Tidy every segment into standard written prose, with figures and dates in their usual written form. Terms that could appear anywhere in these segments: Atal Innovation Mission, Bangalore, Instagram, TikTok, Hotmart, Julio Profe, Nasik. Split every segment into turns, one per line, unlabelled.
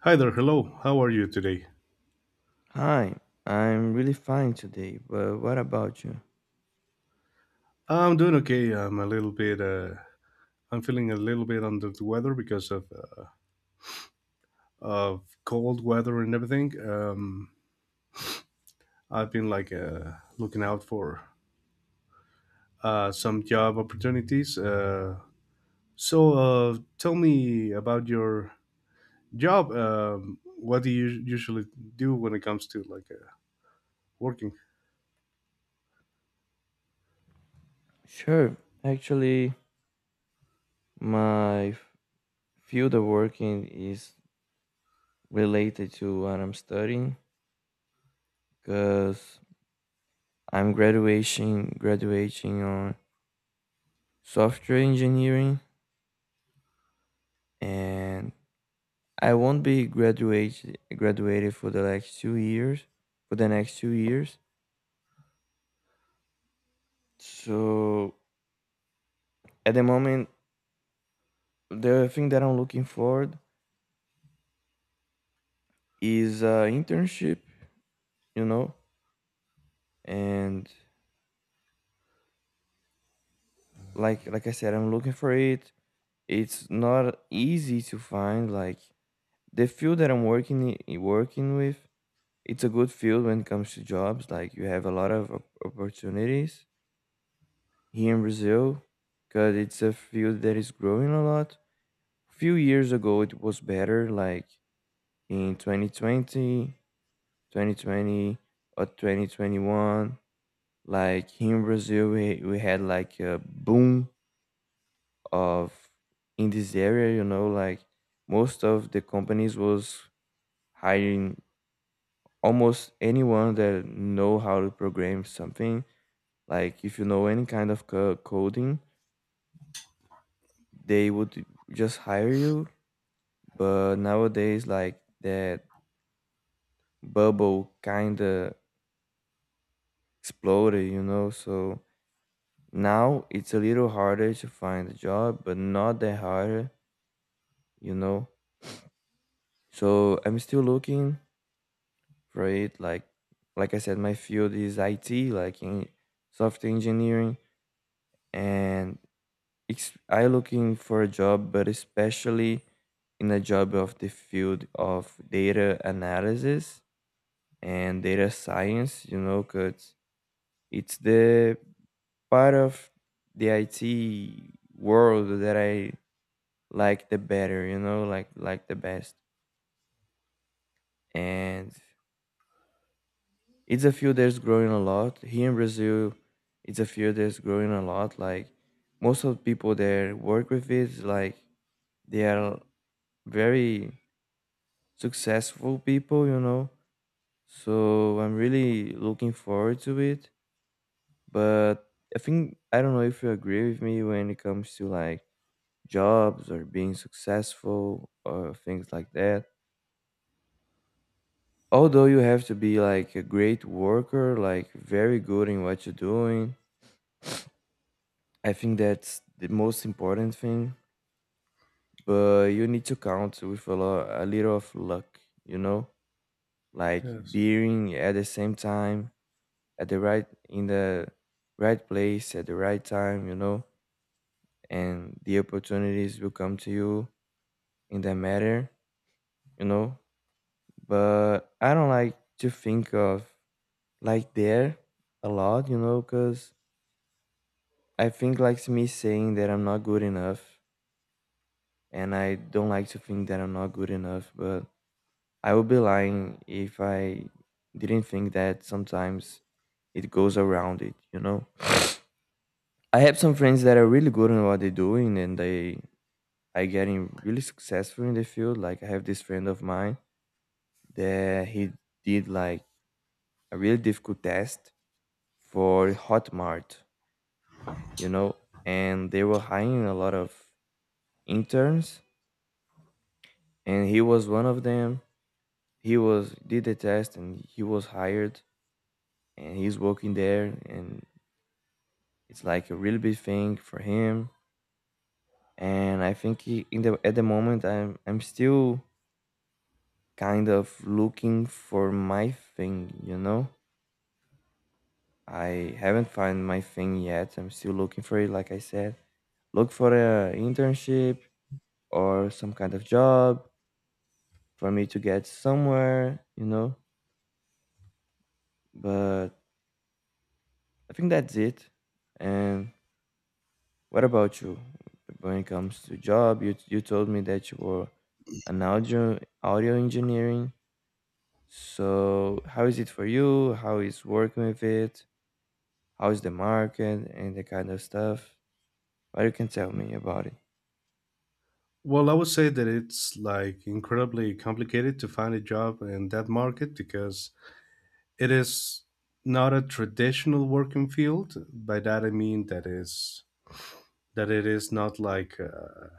Hi there. Hello. How are you today?
Hi, I'm really fine today, but what about you?
I'm doing okay. I'm feeling a little bit under the weather because of cold weather and everything. I've been like looking out for some job opportunities. Tell me about your job. What do you usually do when it comes to like working?
Sure. Actually, my f- field of working is related to what I'm studying because I'm graduation graduating on software engineering, and I won't be graduated for the next 2 years for the next 2 years. So at the moment, the thing that I'm looking for is an internship, you know, and like I said, I'm looking for it. It's not easy to find. Like the field that working with, it's a good field when it comes to jobs. Like you have a lot of opportunities here in Brazil, because it's a field that is growing a lot. Few years ago, it was better. Like in 2020, 2020 or 2021, like here in Brazil, we had like a boom of in this area, you know. Like most of the companies was hiring almost anyone that know how to program something. Like if you know any kind of coding, they would just hire you. But nowadays, like, that bubble kind of exploded, you know. So now it's a little harder to find a job, but not that harder, you know. So I'm still looking for it. Like I said, my field is IT, like in software engineering, and I looking for a job, but especially in a job of the field of data analysis and data science. You know, cause it's the part of the IT world that I like the better. You know, like the best. And it's a field that's growing a lot here in Brazil. It's a field that's growing a lot. Like most of the people that work with it, like, they are very successful people, you know. So I'm really looking forward to it. But I think, I don't know if you agree with me when it comes to like jobs or being successful or things like that, although you have to be like a great worker, like very good in what you're doing. I think that's the most important thing, but you need to count with a a little of luck, you know, like
Yes.
being at the same time at the right place at the right time, you know, and the opportunities will come to you in that matter, you know. But I don't like to think of like there a lot, you know, because I think like me saying that I'm not good enough, and I don't like to think that I'm not good enough, but I would be lying if I didn't think that sometimes it goes around it, you know? I have some friends that are really good in what they're doing and they are getting really successful in the field. Like I have this friend of mine that he did like a really difficult test for Hotmart, you know, and they were hiring a lot of interns and he was one of them. He was did the test and he was hired and he's working there. And it's like a really big thing for him, and I think he, in the at the moment, I'm still kind of looking for my thing, you know. I haven't found my thing yet. I'm still looking for it, like I said. Look for a internship or some kind of job for me to get somewhere, you know. But I think that's it. And what about you? When it comes to job, you told me that you were an audio engineering. So, how is it for you? How is working with it? How is the market and the kind of stuff? But you can tell me about it.
Well, I would say that it's like incredibly complicated to find a job in that market because it is not a traditional working field. By that I mean that is that it is not like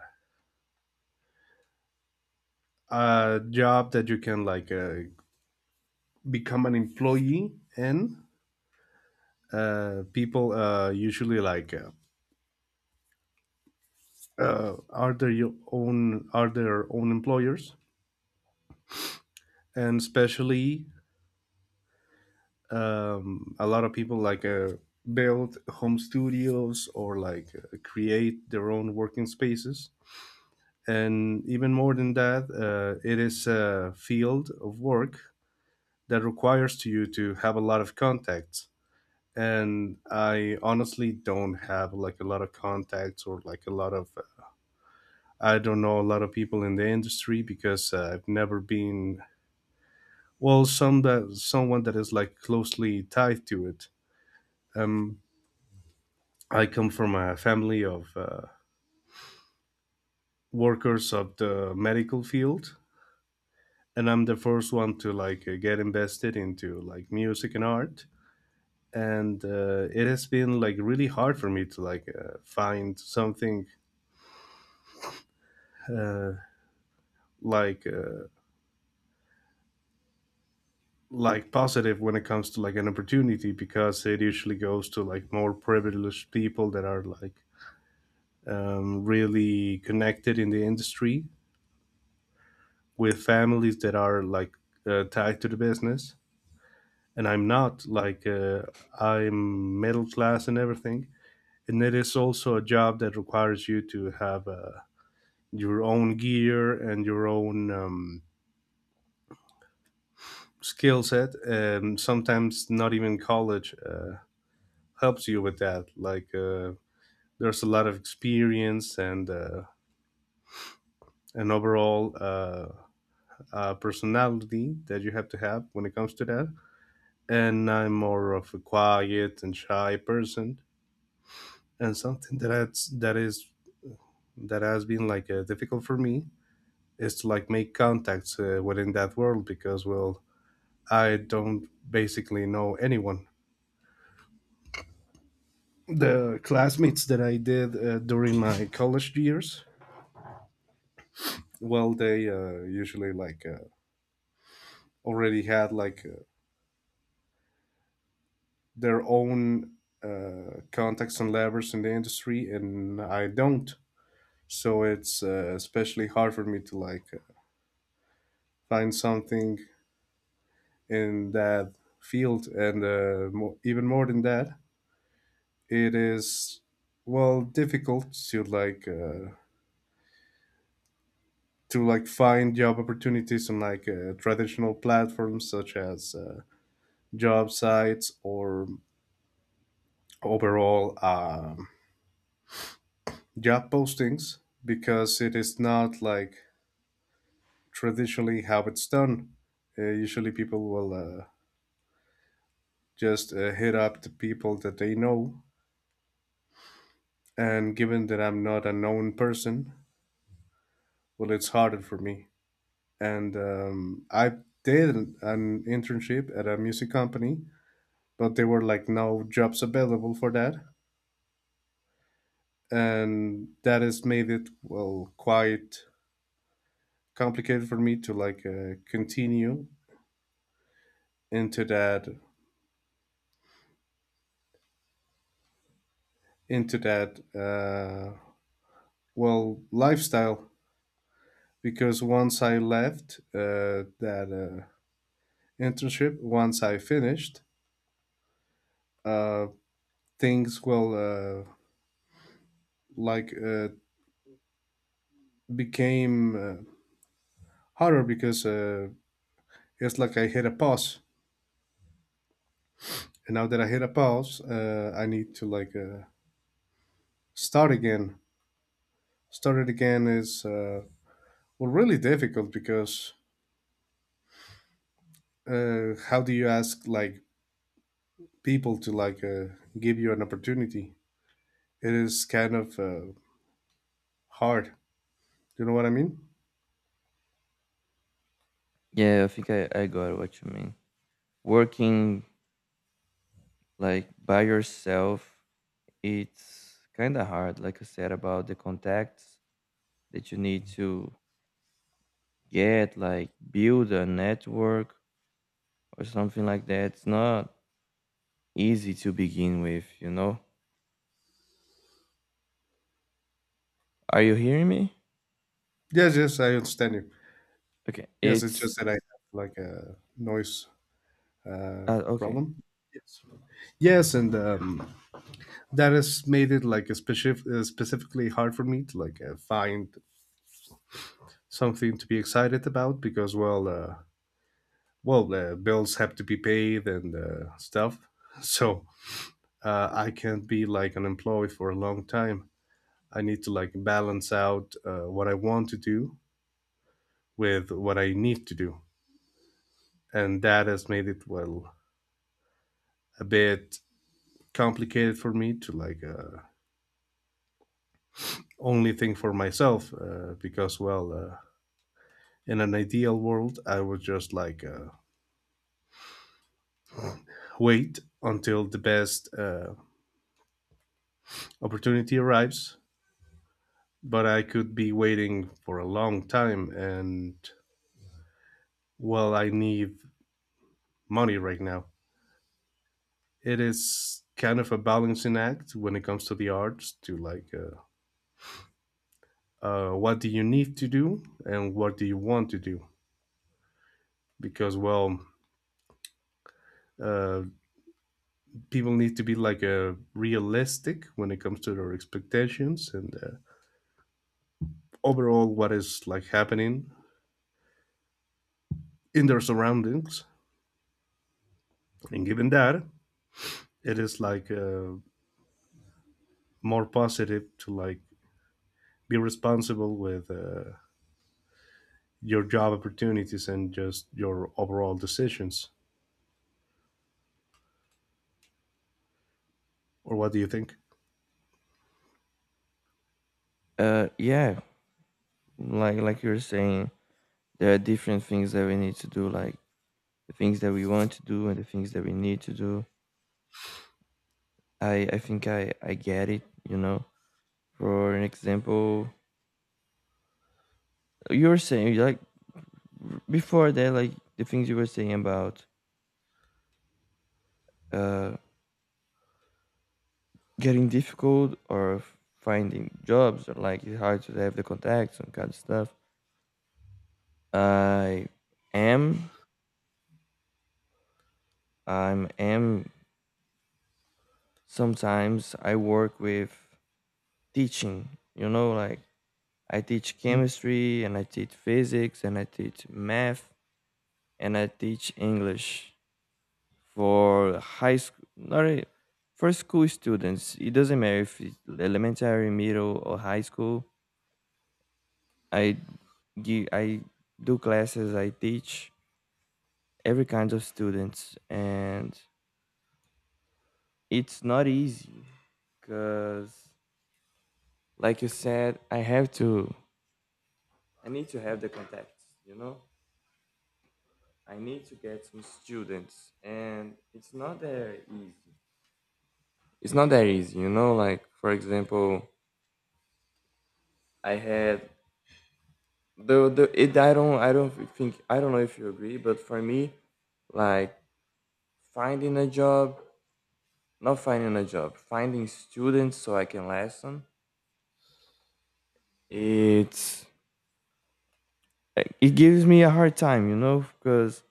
a job that you can like become an employee in. People usually like are their own employers, and especially a lot of people like build home studios or like create their own working spaces, and even more than that, it is a field of work that requires to you to have a lot of contacts. And I honestly don't have like a lot of contacts or like a lot of — I don't know a lot of people in the industry because I've never been, well, someone that is like closely tied to it. Um, I come from a family of workers of the medical field, and I'm the first one to like get invested into like music and art. And it has been like really hard for me to like find something uh, like uh, like positive when it comes to like an opportunity, because it usually goes to like more privileged people that are like really connected in the industry, with families that are like tied to the business. And I'm not like, I'm middle class and everything, and it is also a job that requires you to have your own gear and your own skill set, and sometimes not even college helps you with that. There's a lot of experience and an overall personality that you have to have when it comes to that, and I'm more of a quiet and shy person. And something that is, that has been like difficult for me, is to like make contacts within that world, because, well, I don't basically know anyone. The classmates that I did during my college years, well, they usually like already had like their own contacts and levers in the industry, and I don't. So it's especially hard for me to like find something in that field. And even more than that, it is, well, difficult to like to like find job opportunities on like traditional platforms, such as job sites or overall job postings, because it is not like traditionally how it's done. Usually, people will just hit up the people that they know, and given that I'm not a known person, well, it's harder for me. And I did an internship at a music company, but there were like no jobs available for that, and that has made it, well, quite complicated for me to like continue into that, into that, well, lifestyle, because once I left that internship, once I finished, uh, things, well like uh, became. Harder, because it's like I hit a pause, and now that I hit a pause, I need to like start again. Start it again is, well, really difficult, because how do you ask like people to like give you an opportunity? It is kind of hard. Do you know what I mean?
Yeah, I think I got what you mean. Working like by yourself, it's kind of hard, like I said, about the contacts that you need to get, like build a network or something like that. It's not easy to begin with, you know? Are you hearing me?
Yes, yes, I understand you.
Okay,
Yes, it's
it's
just that I have like a noise uh,
okay.
problem. Yes, yes, and that has made it like a specifically hard for me to like find something to be excited about, because well, bills have to be paid and stuff so I can't be like unemployed for a long time. I need to like balance out what I want to do with what I need to do, and that has made it, well, a bit complicated for me to like only think for myself, because well, in an ideal world, I would just like wait until the best opportunity arrives. But I could be waiting for a long time, and, well, I need money right now. It is kind of a balancing act when it comes to the arts, to like, what do you need to do and what do you want to do? Because, well, uh, people need to be like realistic when it comes to their expectations, and overall what is like happening in their surroundings. And given that, it is like, more positive to like be responsible with your job opportunities and just your overall decisions. Or what do you think?
Yeah, like you're saying, there are different things that we need to do, like the things that we want to do and the things that we need to do. I think I get it, you know. For an example, you were saying like before that, like, the things you were saying about uh getting difficult or finding jobs, or like it's hard to have the contacts and kind of stuff. I am i'm am sometimes I work with teaching, you know, like I teach
Hmm.
chemistry and I teach physics and I teach math and I teach English for high school, not really, for school students. It doesn't matter if it's elementary, middle, or high school. I I do classes. I teach every kind of students, and it's not easy because, like you said, I have to. I need to have the contacts. You know. I need to get some students, and it's not that easy. It's not that easy, you know. Like for example, I had the it. I don't think, I don't know if you agree, but for me, like, finding a job, not finding a job, finding students so I can lesson. It's it gives me a hard time, you know, because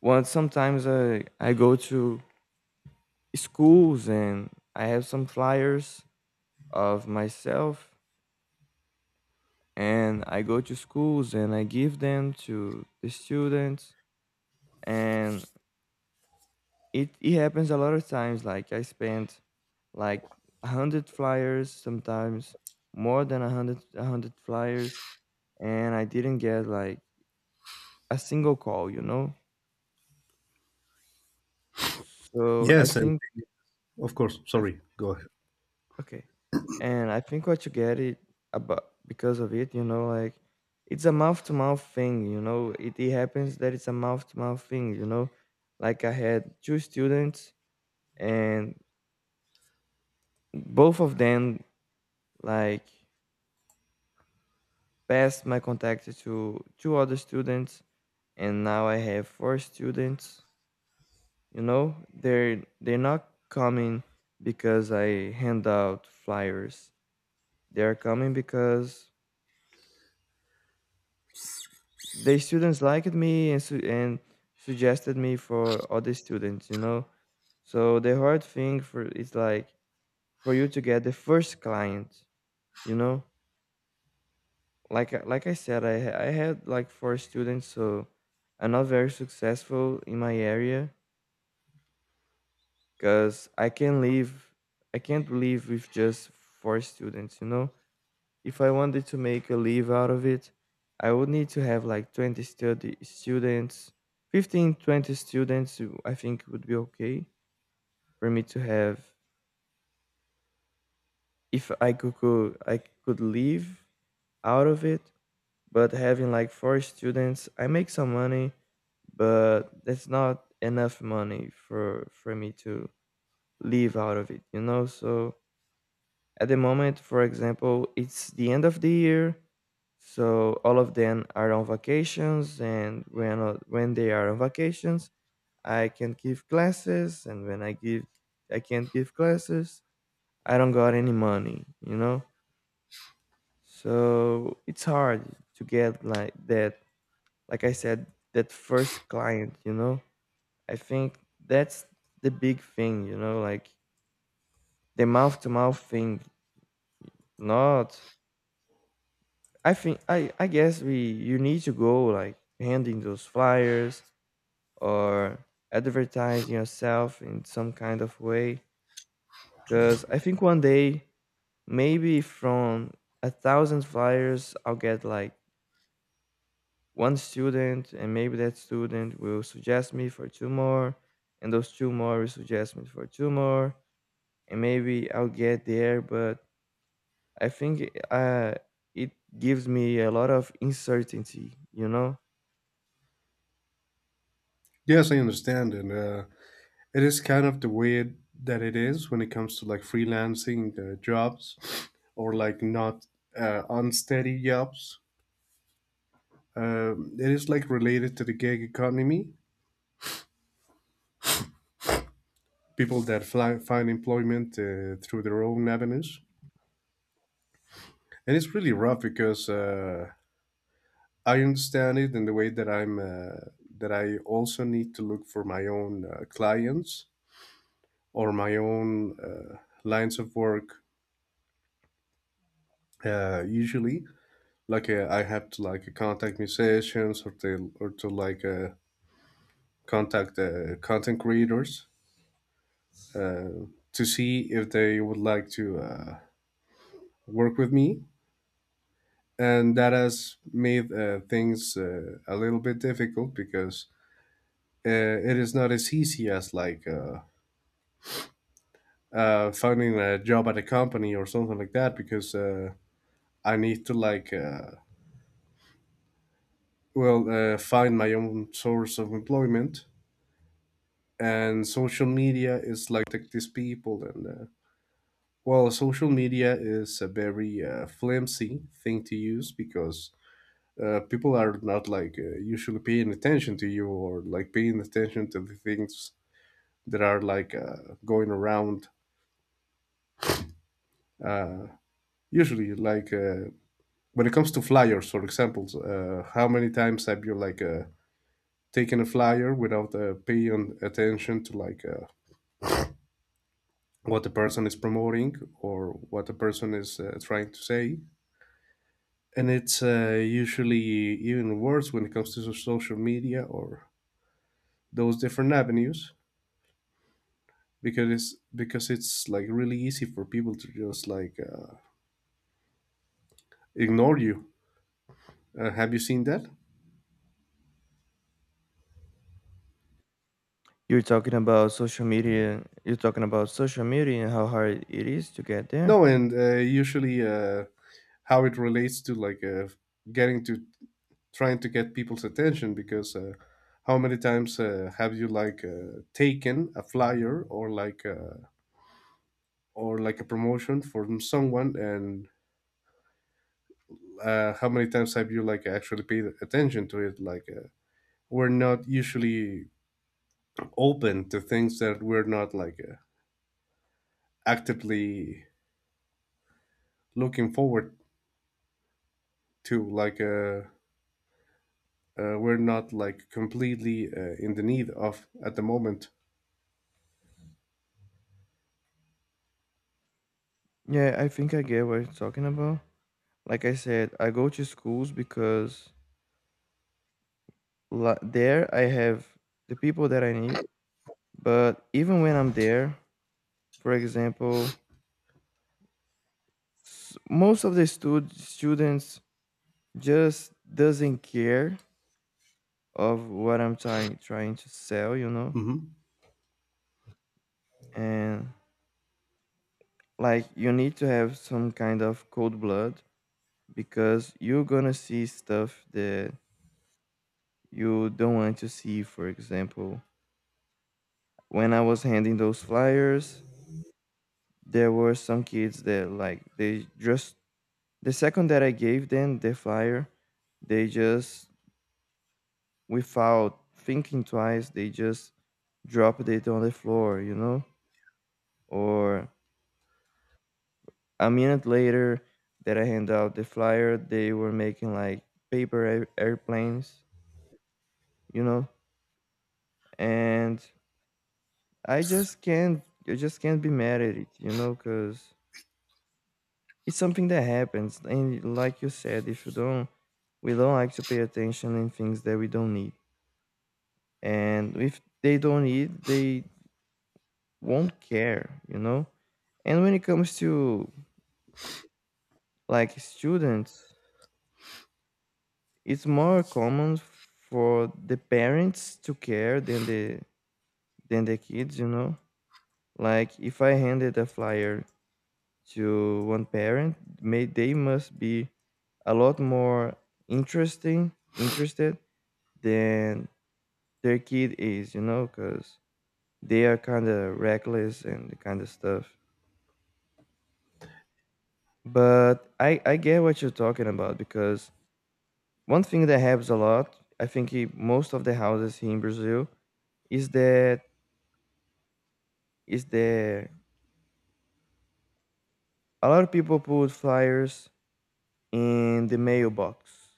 once sometimes I go to schools and I have some flyers of myself and I go to schools and I give them to the students. And it happens a lot of times, like I spent like 100 flyers sometimes, more than 100, a 100 flyers, and I didn't get like a single call, you know. So I
Yes, and
think.
of course, sorry, go ahead.
Okay. And I think what you get it about because of it, you know, like, it's a mouth to mouth thing, you know. It happens that it's a mouth to mouth thing, you know. Like I had two students and both of them, like, passed my contact to two other students, and now I have four students, you know. They're not coming because I hand out flyers. They're coming because the students liked me and and suggested me for other students, you know. So the hard thing for is like for you to get the first client, you know. Like I- like I said I ha- I had like four students, so I'm not very successful in my area, cuz I can live I can't live with just four students, you know. If I wanted to make a live out of it, I would need to have like 20 study students. 15, 20 students, I think would be okay for me to have if I could I could live out of it. But having like four students, I make some money, but that's not enough money for me to live out of it, you know? So at the moment, for example, it's the end of the year, so all of them are on vacations, and when they are on vacations, I can give classes, and when I give, I can't give classes. I don't got any money, you know. So it's hard to get like that. Like I said, that first client, you know. I think that's the big thing, you know, like the mouth to mouth thing, not. I think I guess we you need to go like handing those flyers or advertising yourself in some kind of way. Cause I think one day, maybe from 1,000 flyers, I'll get like one student, and maybe that student will suggest me for two more, and those two more will suggest me for two more, and maybe I'll get there. But I think uh it gives me a lot of uncertainty, you know?
Yes, I understand. And it is kind of the weird that it is when it comes to like freelancing jobs, or like not unsteady jobs. It is like related to the gig economy, people that fly, find employment through their own avenues. And it's really rough, because I understand it in the way that I'm, that I also need to look for my own clients or my own lines of work. Usually, like, I have to like contact musicians or to like contact content creators, uh, to see if they would like to work with me, and that has made things a little bit difficult, because uh, it is not as easy as like finding a job at a company or something like that, because I need to like find my own source of employment. And social media is like these people, and well, social media is a very flimsy thing to use, because people are not like usually paying attention to you, or like paying attention to the things there are like going around. Usually, like, when it comes to flyers, for example, how many times have you like taken a flyer without paying attention to like what the person is promoting or what the person is trying to say? And it's usually even worse when it comes to social media or those different avenues, because it's like really easy for people to just like ignore you. Have you seen that?
You're talking about social media. You're talking about social media and how hard it is to get there.
No, and usually how it relates to like getting to trying to get people's attention. Because how many times have you like taken a flyer or like or like a promotion from someone, and how many times have you like actually paid attention to it? Like we're not usually open to things that we're not like actively looking forward to, like. We're not like completely in the need of at the moment.
Yeah, I think I get what you're talking about. Like I said, I go to schools because there I have the people that I need. But even when I'm there, for example, most of the students just doesn't care of what I'm trying to sell, you know.
Hmm.
And like you need to have some kind of cold blood because you're gonna see stuff that you don't want to see. For example, when I was handing those flyers, there were some kids that, like, they just, the second that I gave them the flyer, they just, without thinking twice, they just dropped it on the floor, you know? Or a minute later that I hand out the flyer, they were making like paper airplanes, you know? And I just can't be mad at it, you know, because it's something that happens. And like you said, if you don't, we don't like to pay attention in things that we don't need. And if they don't need, they won't care, you know? And when it comes to like students, it's more common for the parents to care than the kids, you know? Like if I handed a flyer to one parent, may they must be a lot more interesting interested than their kid is, you know, because they are kind of reckless and the kind of stuff. But I get what you're talking about because one thing that happens a lot, I think, in most of the houses here in Brazil is that is that a lot of people put flyers in the mailbox.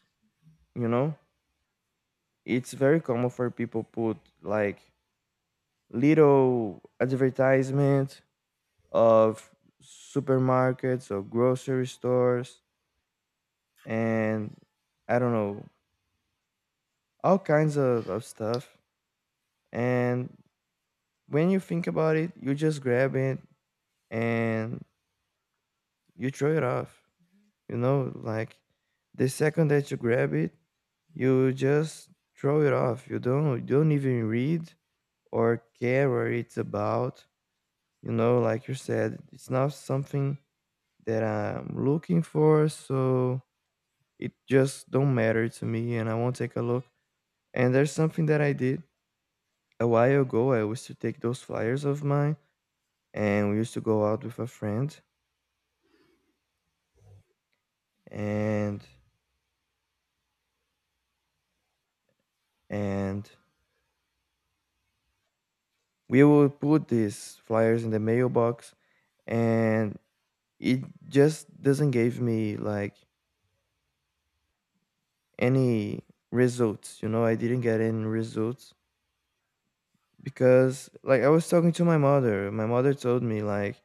You know, it's very common for people put like little advertisement of supermarkets or grocery stores and I don't know, all kinds of stuff. And when you think about it, you just grab it and you throw it off. You know, like the second that you grab it, you just throw it off. You don't even read or care what it's about. You know, like you said, it's not something that I'm looking for, so it just don't matter to me and I won't take a look. And there's something that I did a while ago. I used to take those flyers of mine and we used to go out with a friend and and we would put these flyers in the mailbox and it just doesn't give me like any results. You know, I didn't get any results because like I was talking to my mother. My mother told me like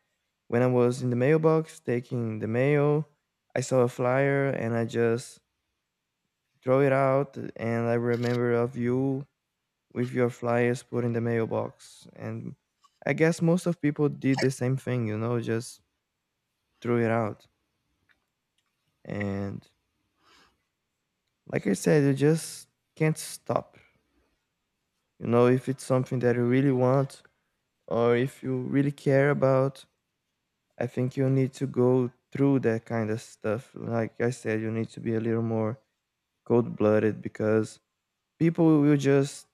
when I was in the mailbox taking the mail, I saw a flyer and I just throw it out and I remember of you with your flyers put in the mailbox. And I guess most of people did the same thing, you know, just threw it out. And like I said, you just can't stop. You know, if it's something that you really want or if you really care about, I think you need to go through that kind of stuff. Like I said, you need to be a little more cold blooded because people will just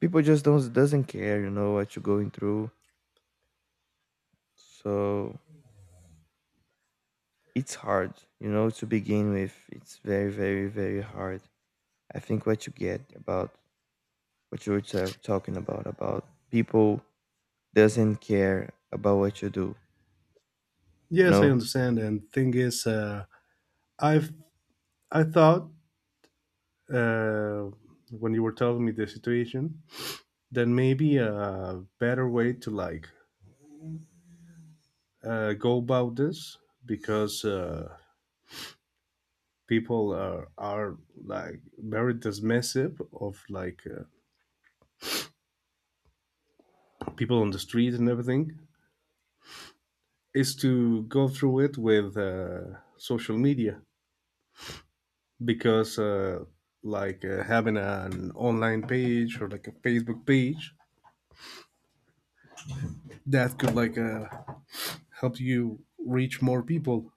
people just don't doesn't care, you know, what you're going through. So it's hard, you know, to begin with. It's very, very, very hard. I think what you get about what you were talking about people doesn't care about what you do.
Yes, I
No,
understand. And thing is, I've I thought, uh, when you were telling me the situation, then maybe a better way to like go about this, because people are like very dismissive of like people on the street and everything, is to go through it with social media, because having an online page or like a Facebook page that could like help you reach more people.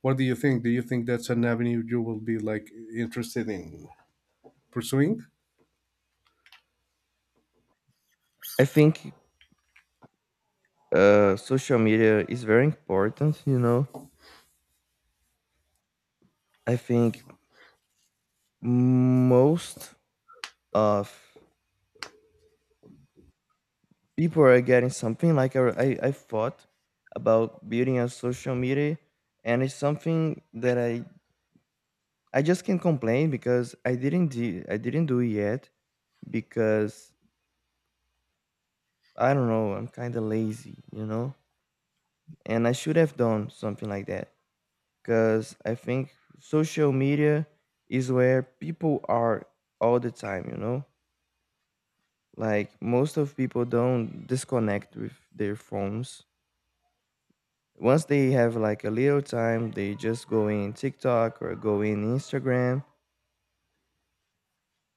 What do you think? Do you think that's an avenue you will be like interested in pursuing?
I think social media is very important. You know, I think most of people are getting something like I thought about building a social media and it's something that I just can't complain because I didn't do it yet because I don't know I'm kind of lazy, you know, and I should have done something like that because I think social media is where people are all the time, you know, like most of people don't disconnect with their phones once they have like a little time, they just go in TikTok or go in Instagram.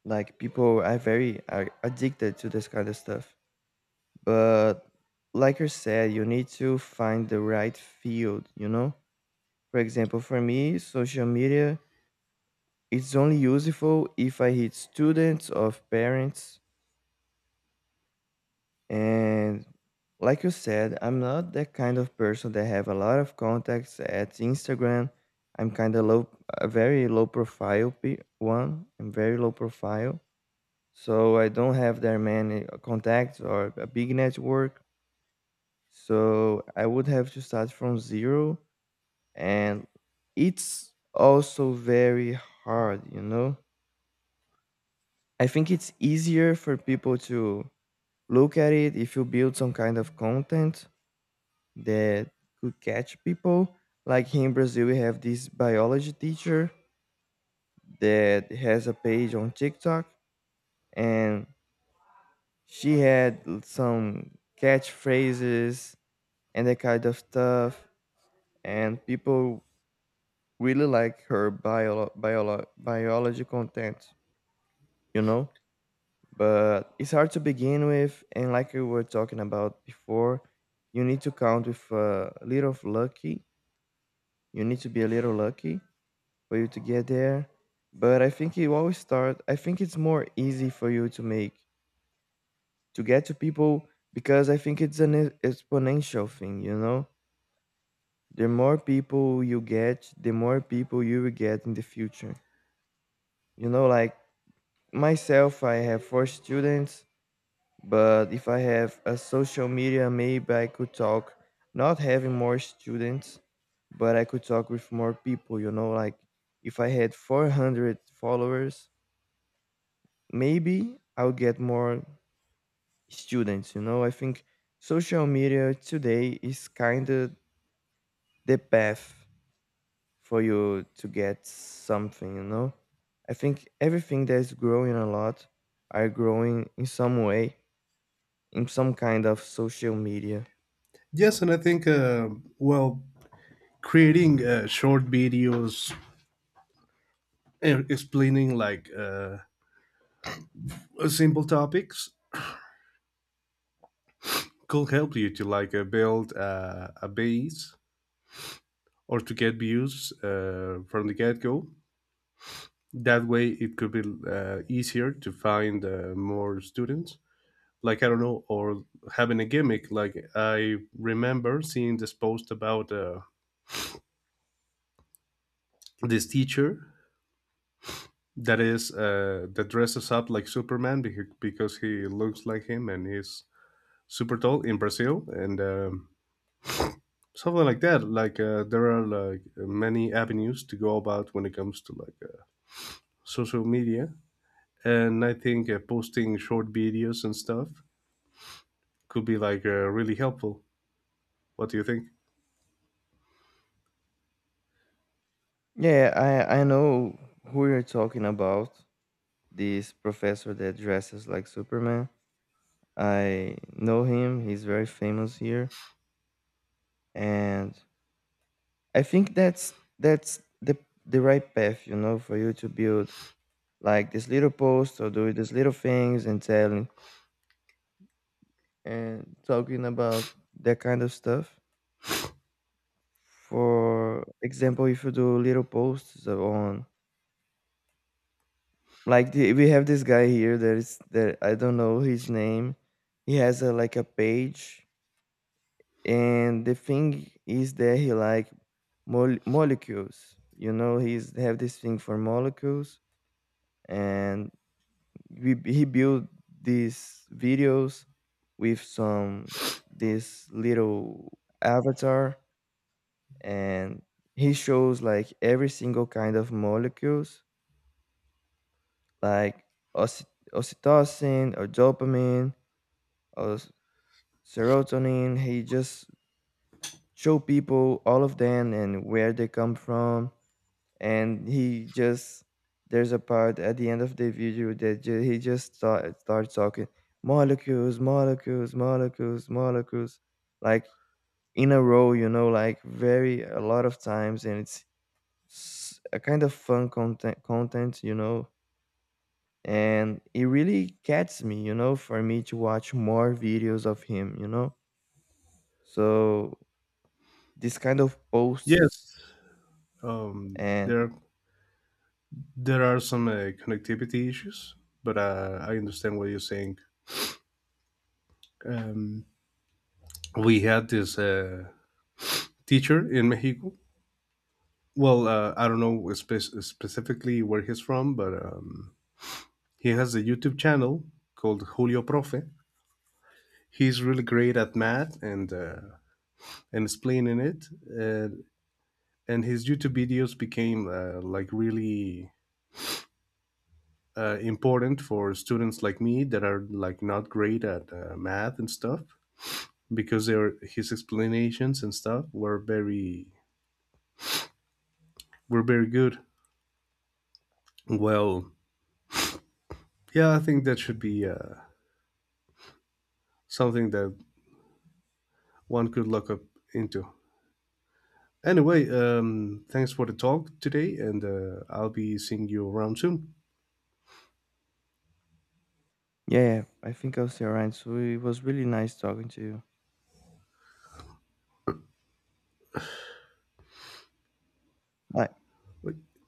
Like people are very are addicted to this kind of stuff. But like you said, you need to find the right field, you know? For example, for me, social media it's only useful if I hit students or parents. And like you said, I'm not that kind of person that have a lot of contacts at Instagram. I'm kind of low, a very low profile one. I'm very low profile, so I don't have that many contacts or a big network. So I would have to start from zero, and it's also very hard, you know. I think it's easier for people to look at it if you build some kind of content that could catch people. Like here in Brazil, we have this biology teacher that has a page on TikTok, and she had some catchphrases and that kind of stuff, and people really like her biology content, you know? But it's hard to begin with, and like we were talking about before, you need to count with a little of lucky. You need to be a little lucky for you to get there. But I think you always start. I think it's more easy for you to make to get to people because I think it's an exponential thing. You know, the more people you get, the more people you will get in the future. You know, like myself, I have four students, but if I have a social media, maybe I could talk, not having more students, but I could talk with more people. You know, like if I had 400 followers, maybe I'll get more students. You know, I think social media today is kind of the path for you to get something. You know, I think everything that's growing a lot are growing in some way in some kind of social media.
Yes, and I think, well, creating short videos and explaining like simple topics could help you to like build a base or to get views from the get go that way it could be easier to find more students. Like, I don't know, or having a gimmick. Like, I remember seeing this post about this teacher that is that dresses up like Superman because he looks like him, and he's super tall in Brazil. And something like that. There are like many avenues to go about when it comes to like social media, and I think posting short videos and stuff could be like really helpful. What do you think?
Yeah, I know who you're talking about. This professor that dresses like Superman. I know him. He's very famous here, and I think that's the right path, you know, for you to build like this little post or do these little things and telling and talking about that kind of stuff. For example, if you do little posts on like the, we have this guy here that is that I don't know his name. He has a like a page, and the thing is that he like molecules. You know, he's have this thing for molecules and we, he built these videos with some this little avatar and he shows like every single kind of molecules like oxy- oxytocin or dopamine or serotonin. He just show people all of them and where they come from and he just there's a part at the end of the video that he just starts talking molecules, molecules, molecules, molecules, like in a row, you know, like very a lot of times and it's a kind of fun content, you know, and it really gets me, you know, for me to watch more videos of him, you know? So this kind of posts.
Yes, um,
And
there there are some connectivity issues, but I understand what you're saying. Um, we had this teacher in Mexico. Well, I don't know specifically where he's from, but he has a YouTube channel called Julio Profe. He's really great at math and explaining it, uh, and his YouTube videos became like really important for students like me that are like not great at math and stuff, because their his explanations and stuff were very good. Well, yeah, I think that should be something that one could look up into. Anyway, thanks for the talk today, and I'll be seeing you around soon.
yeah, I think I'll see around, so it was really nice talking to you. Bye.
Bye.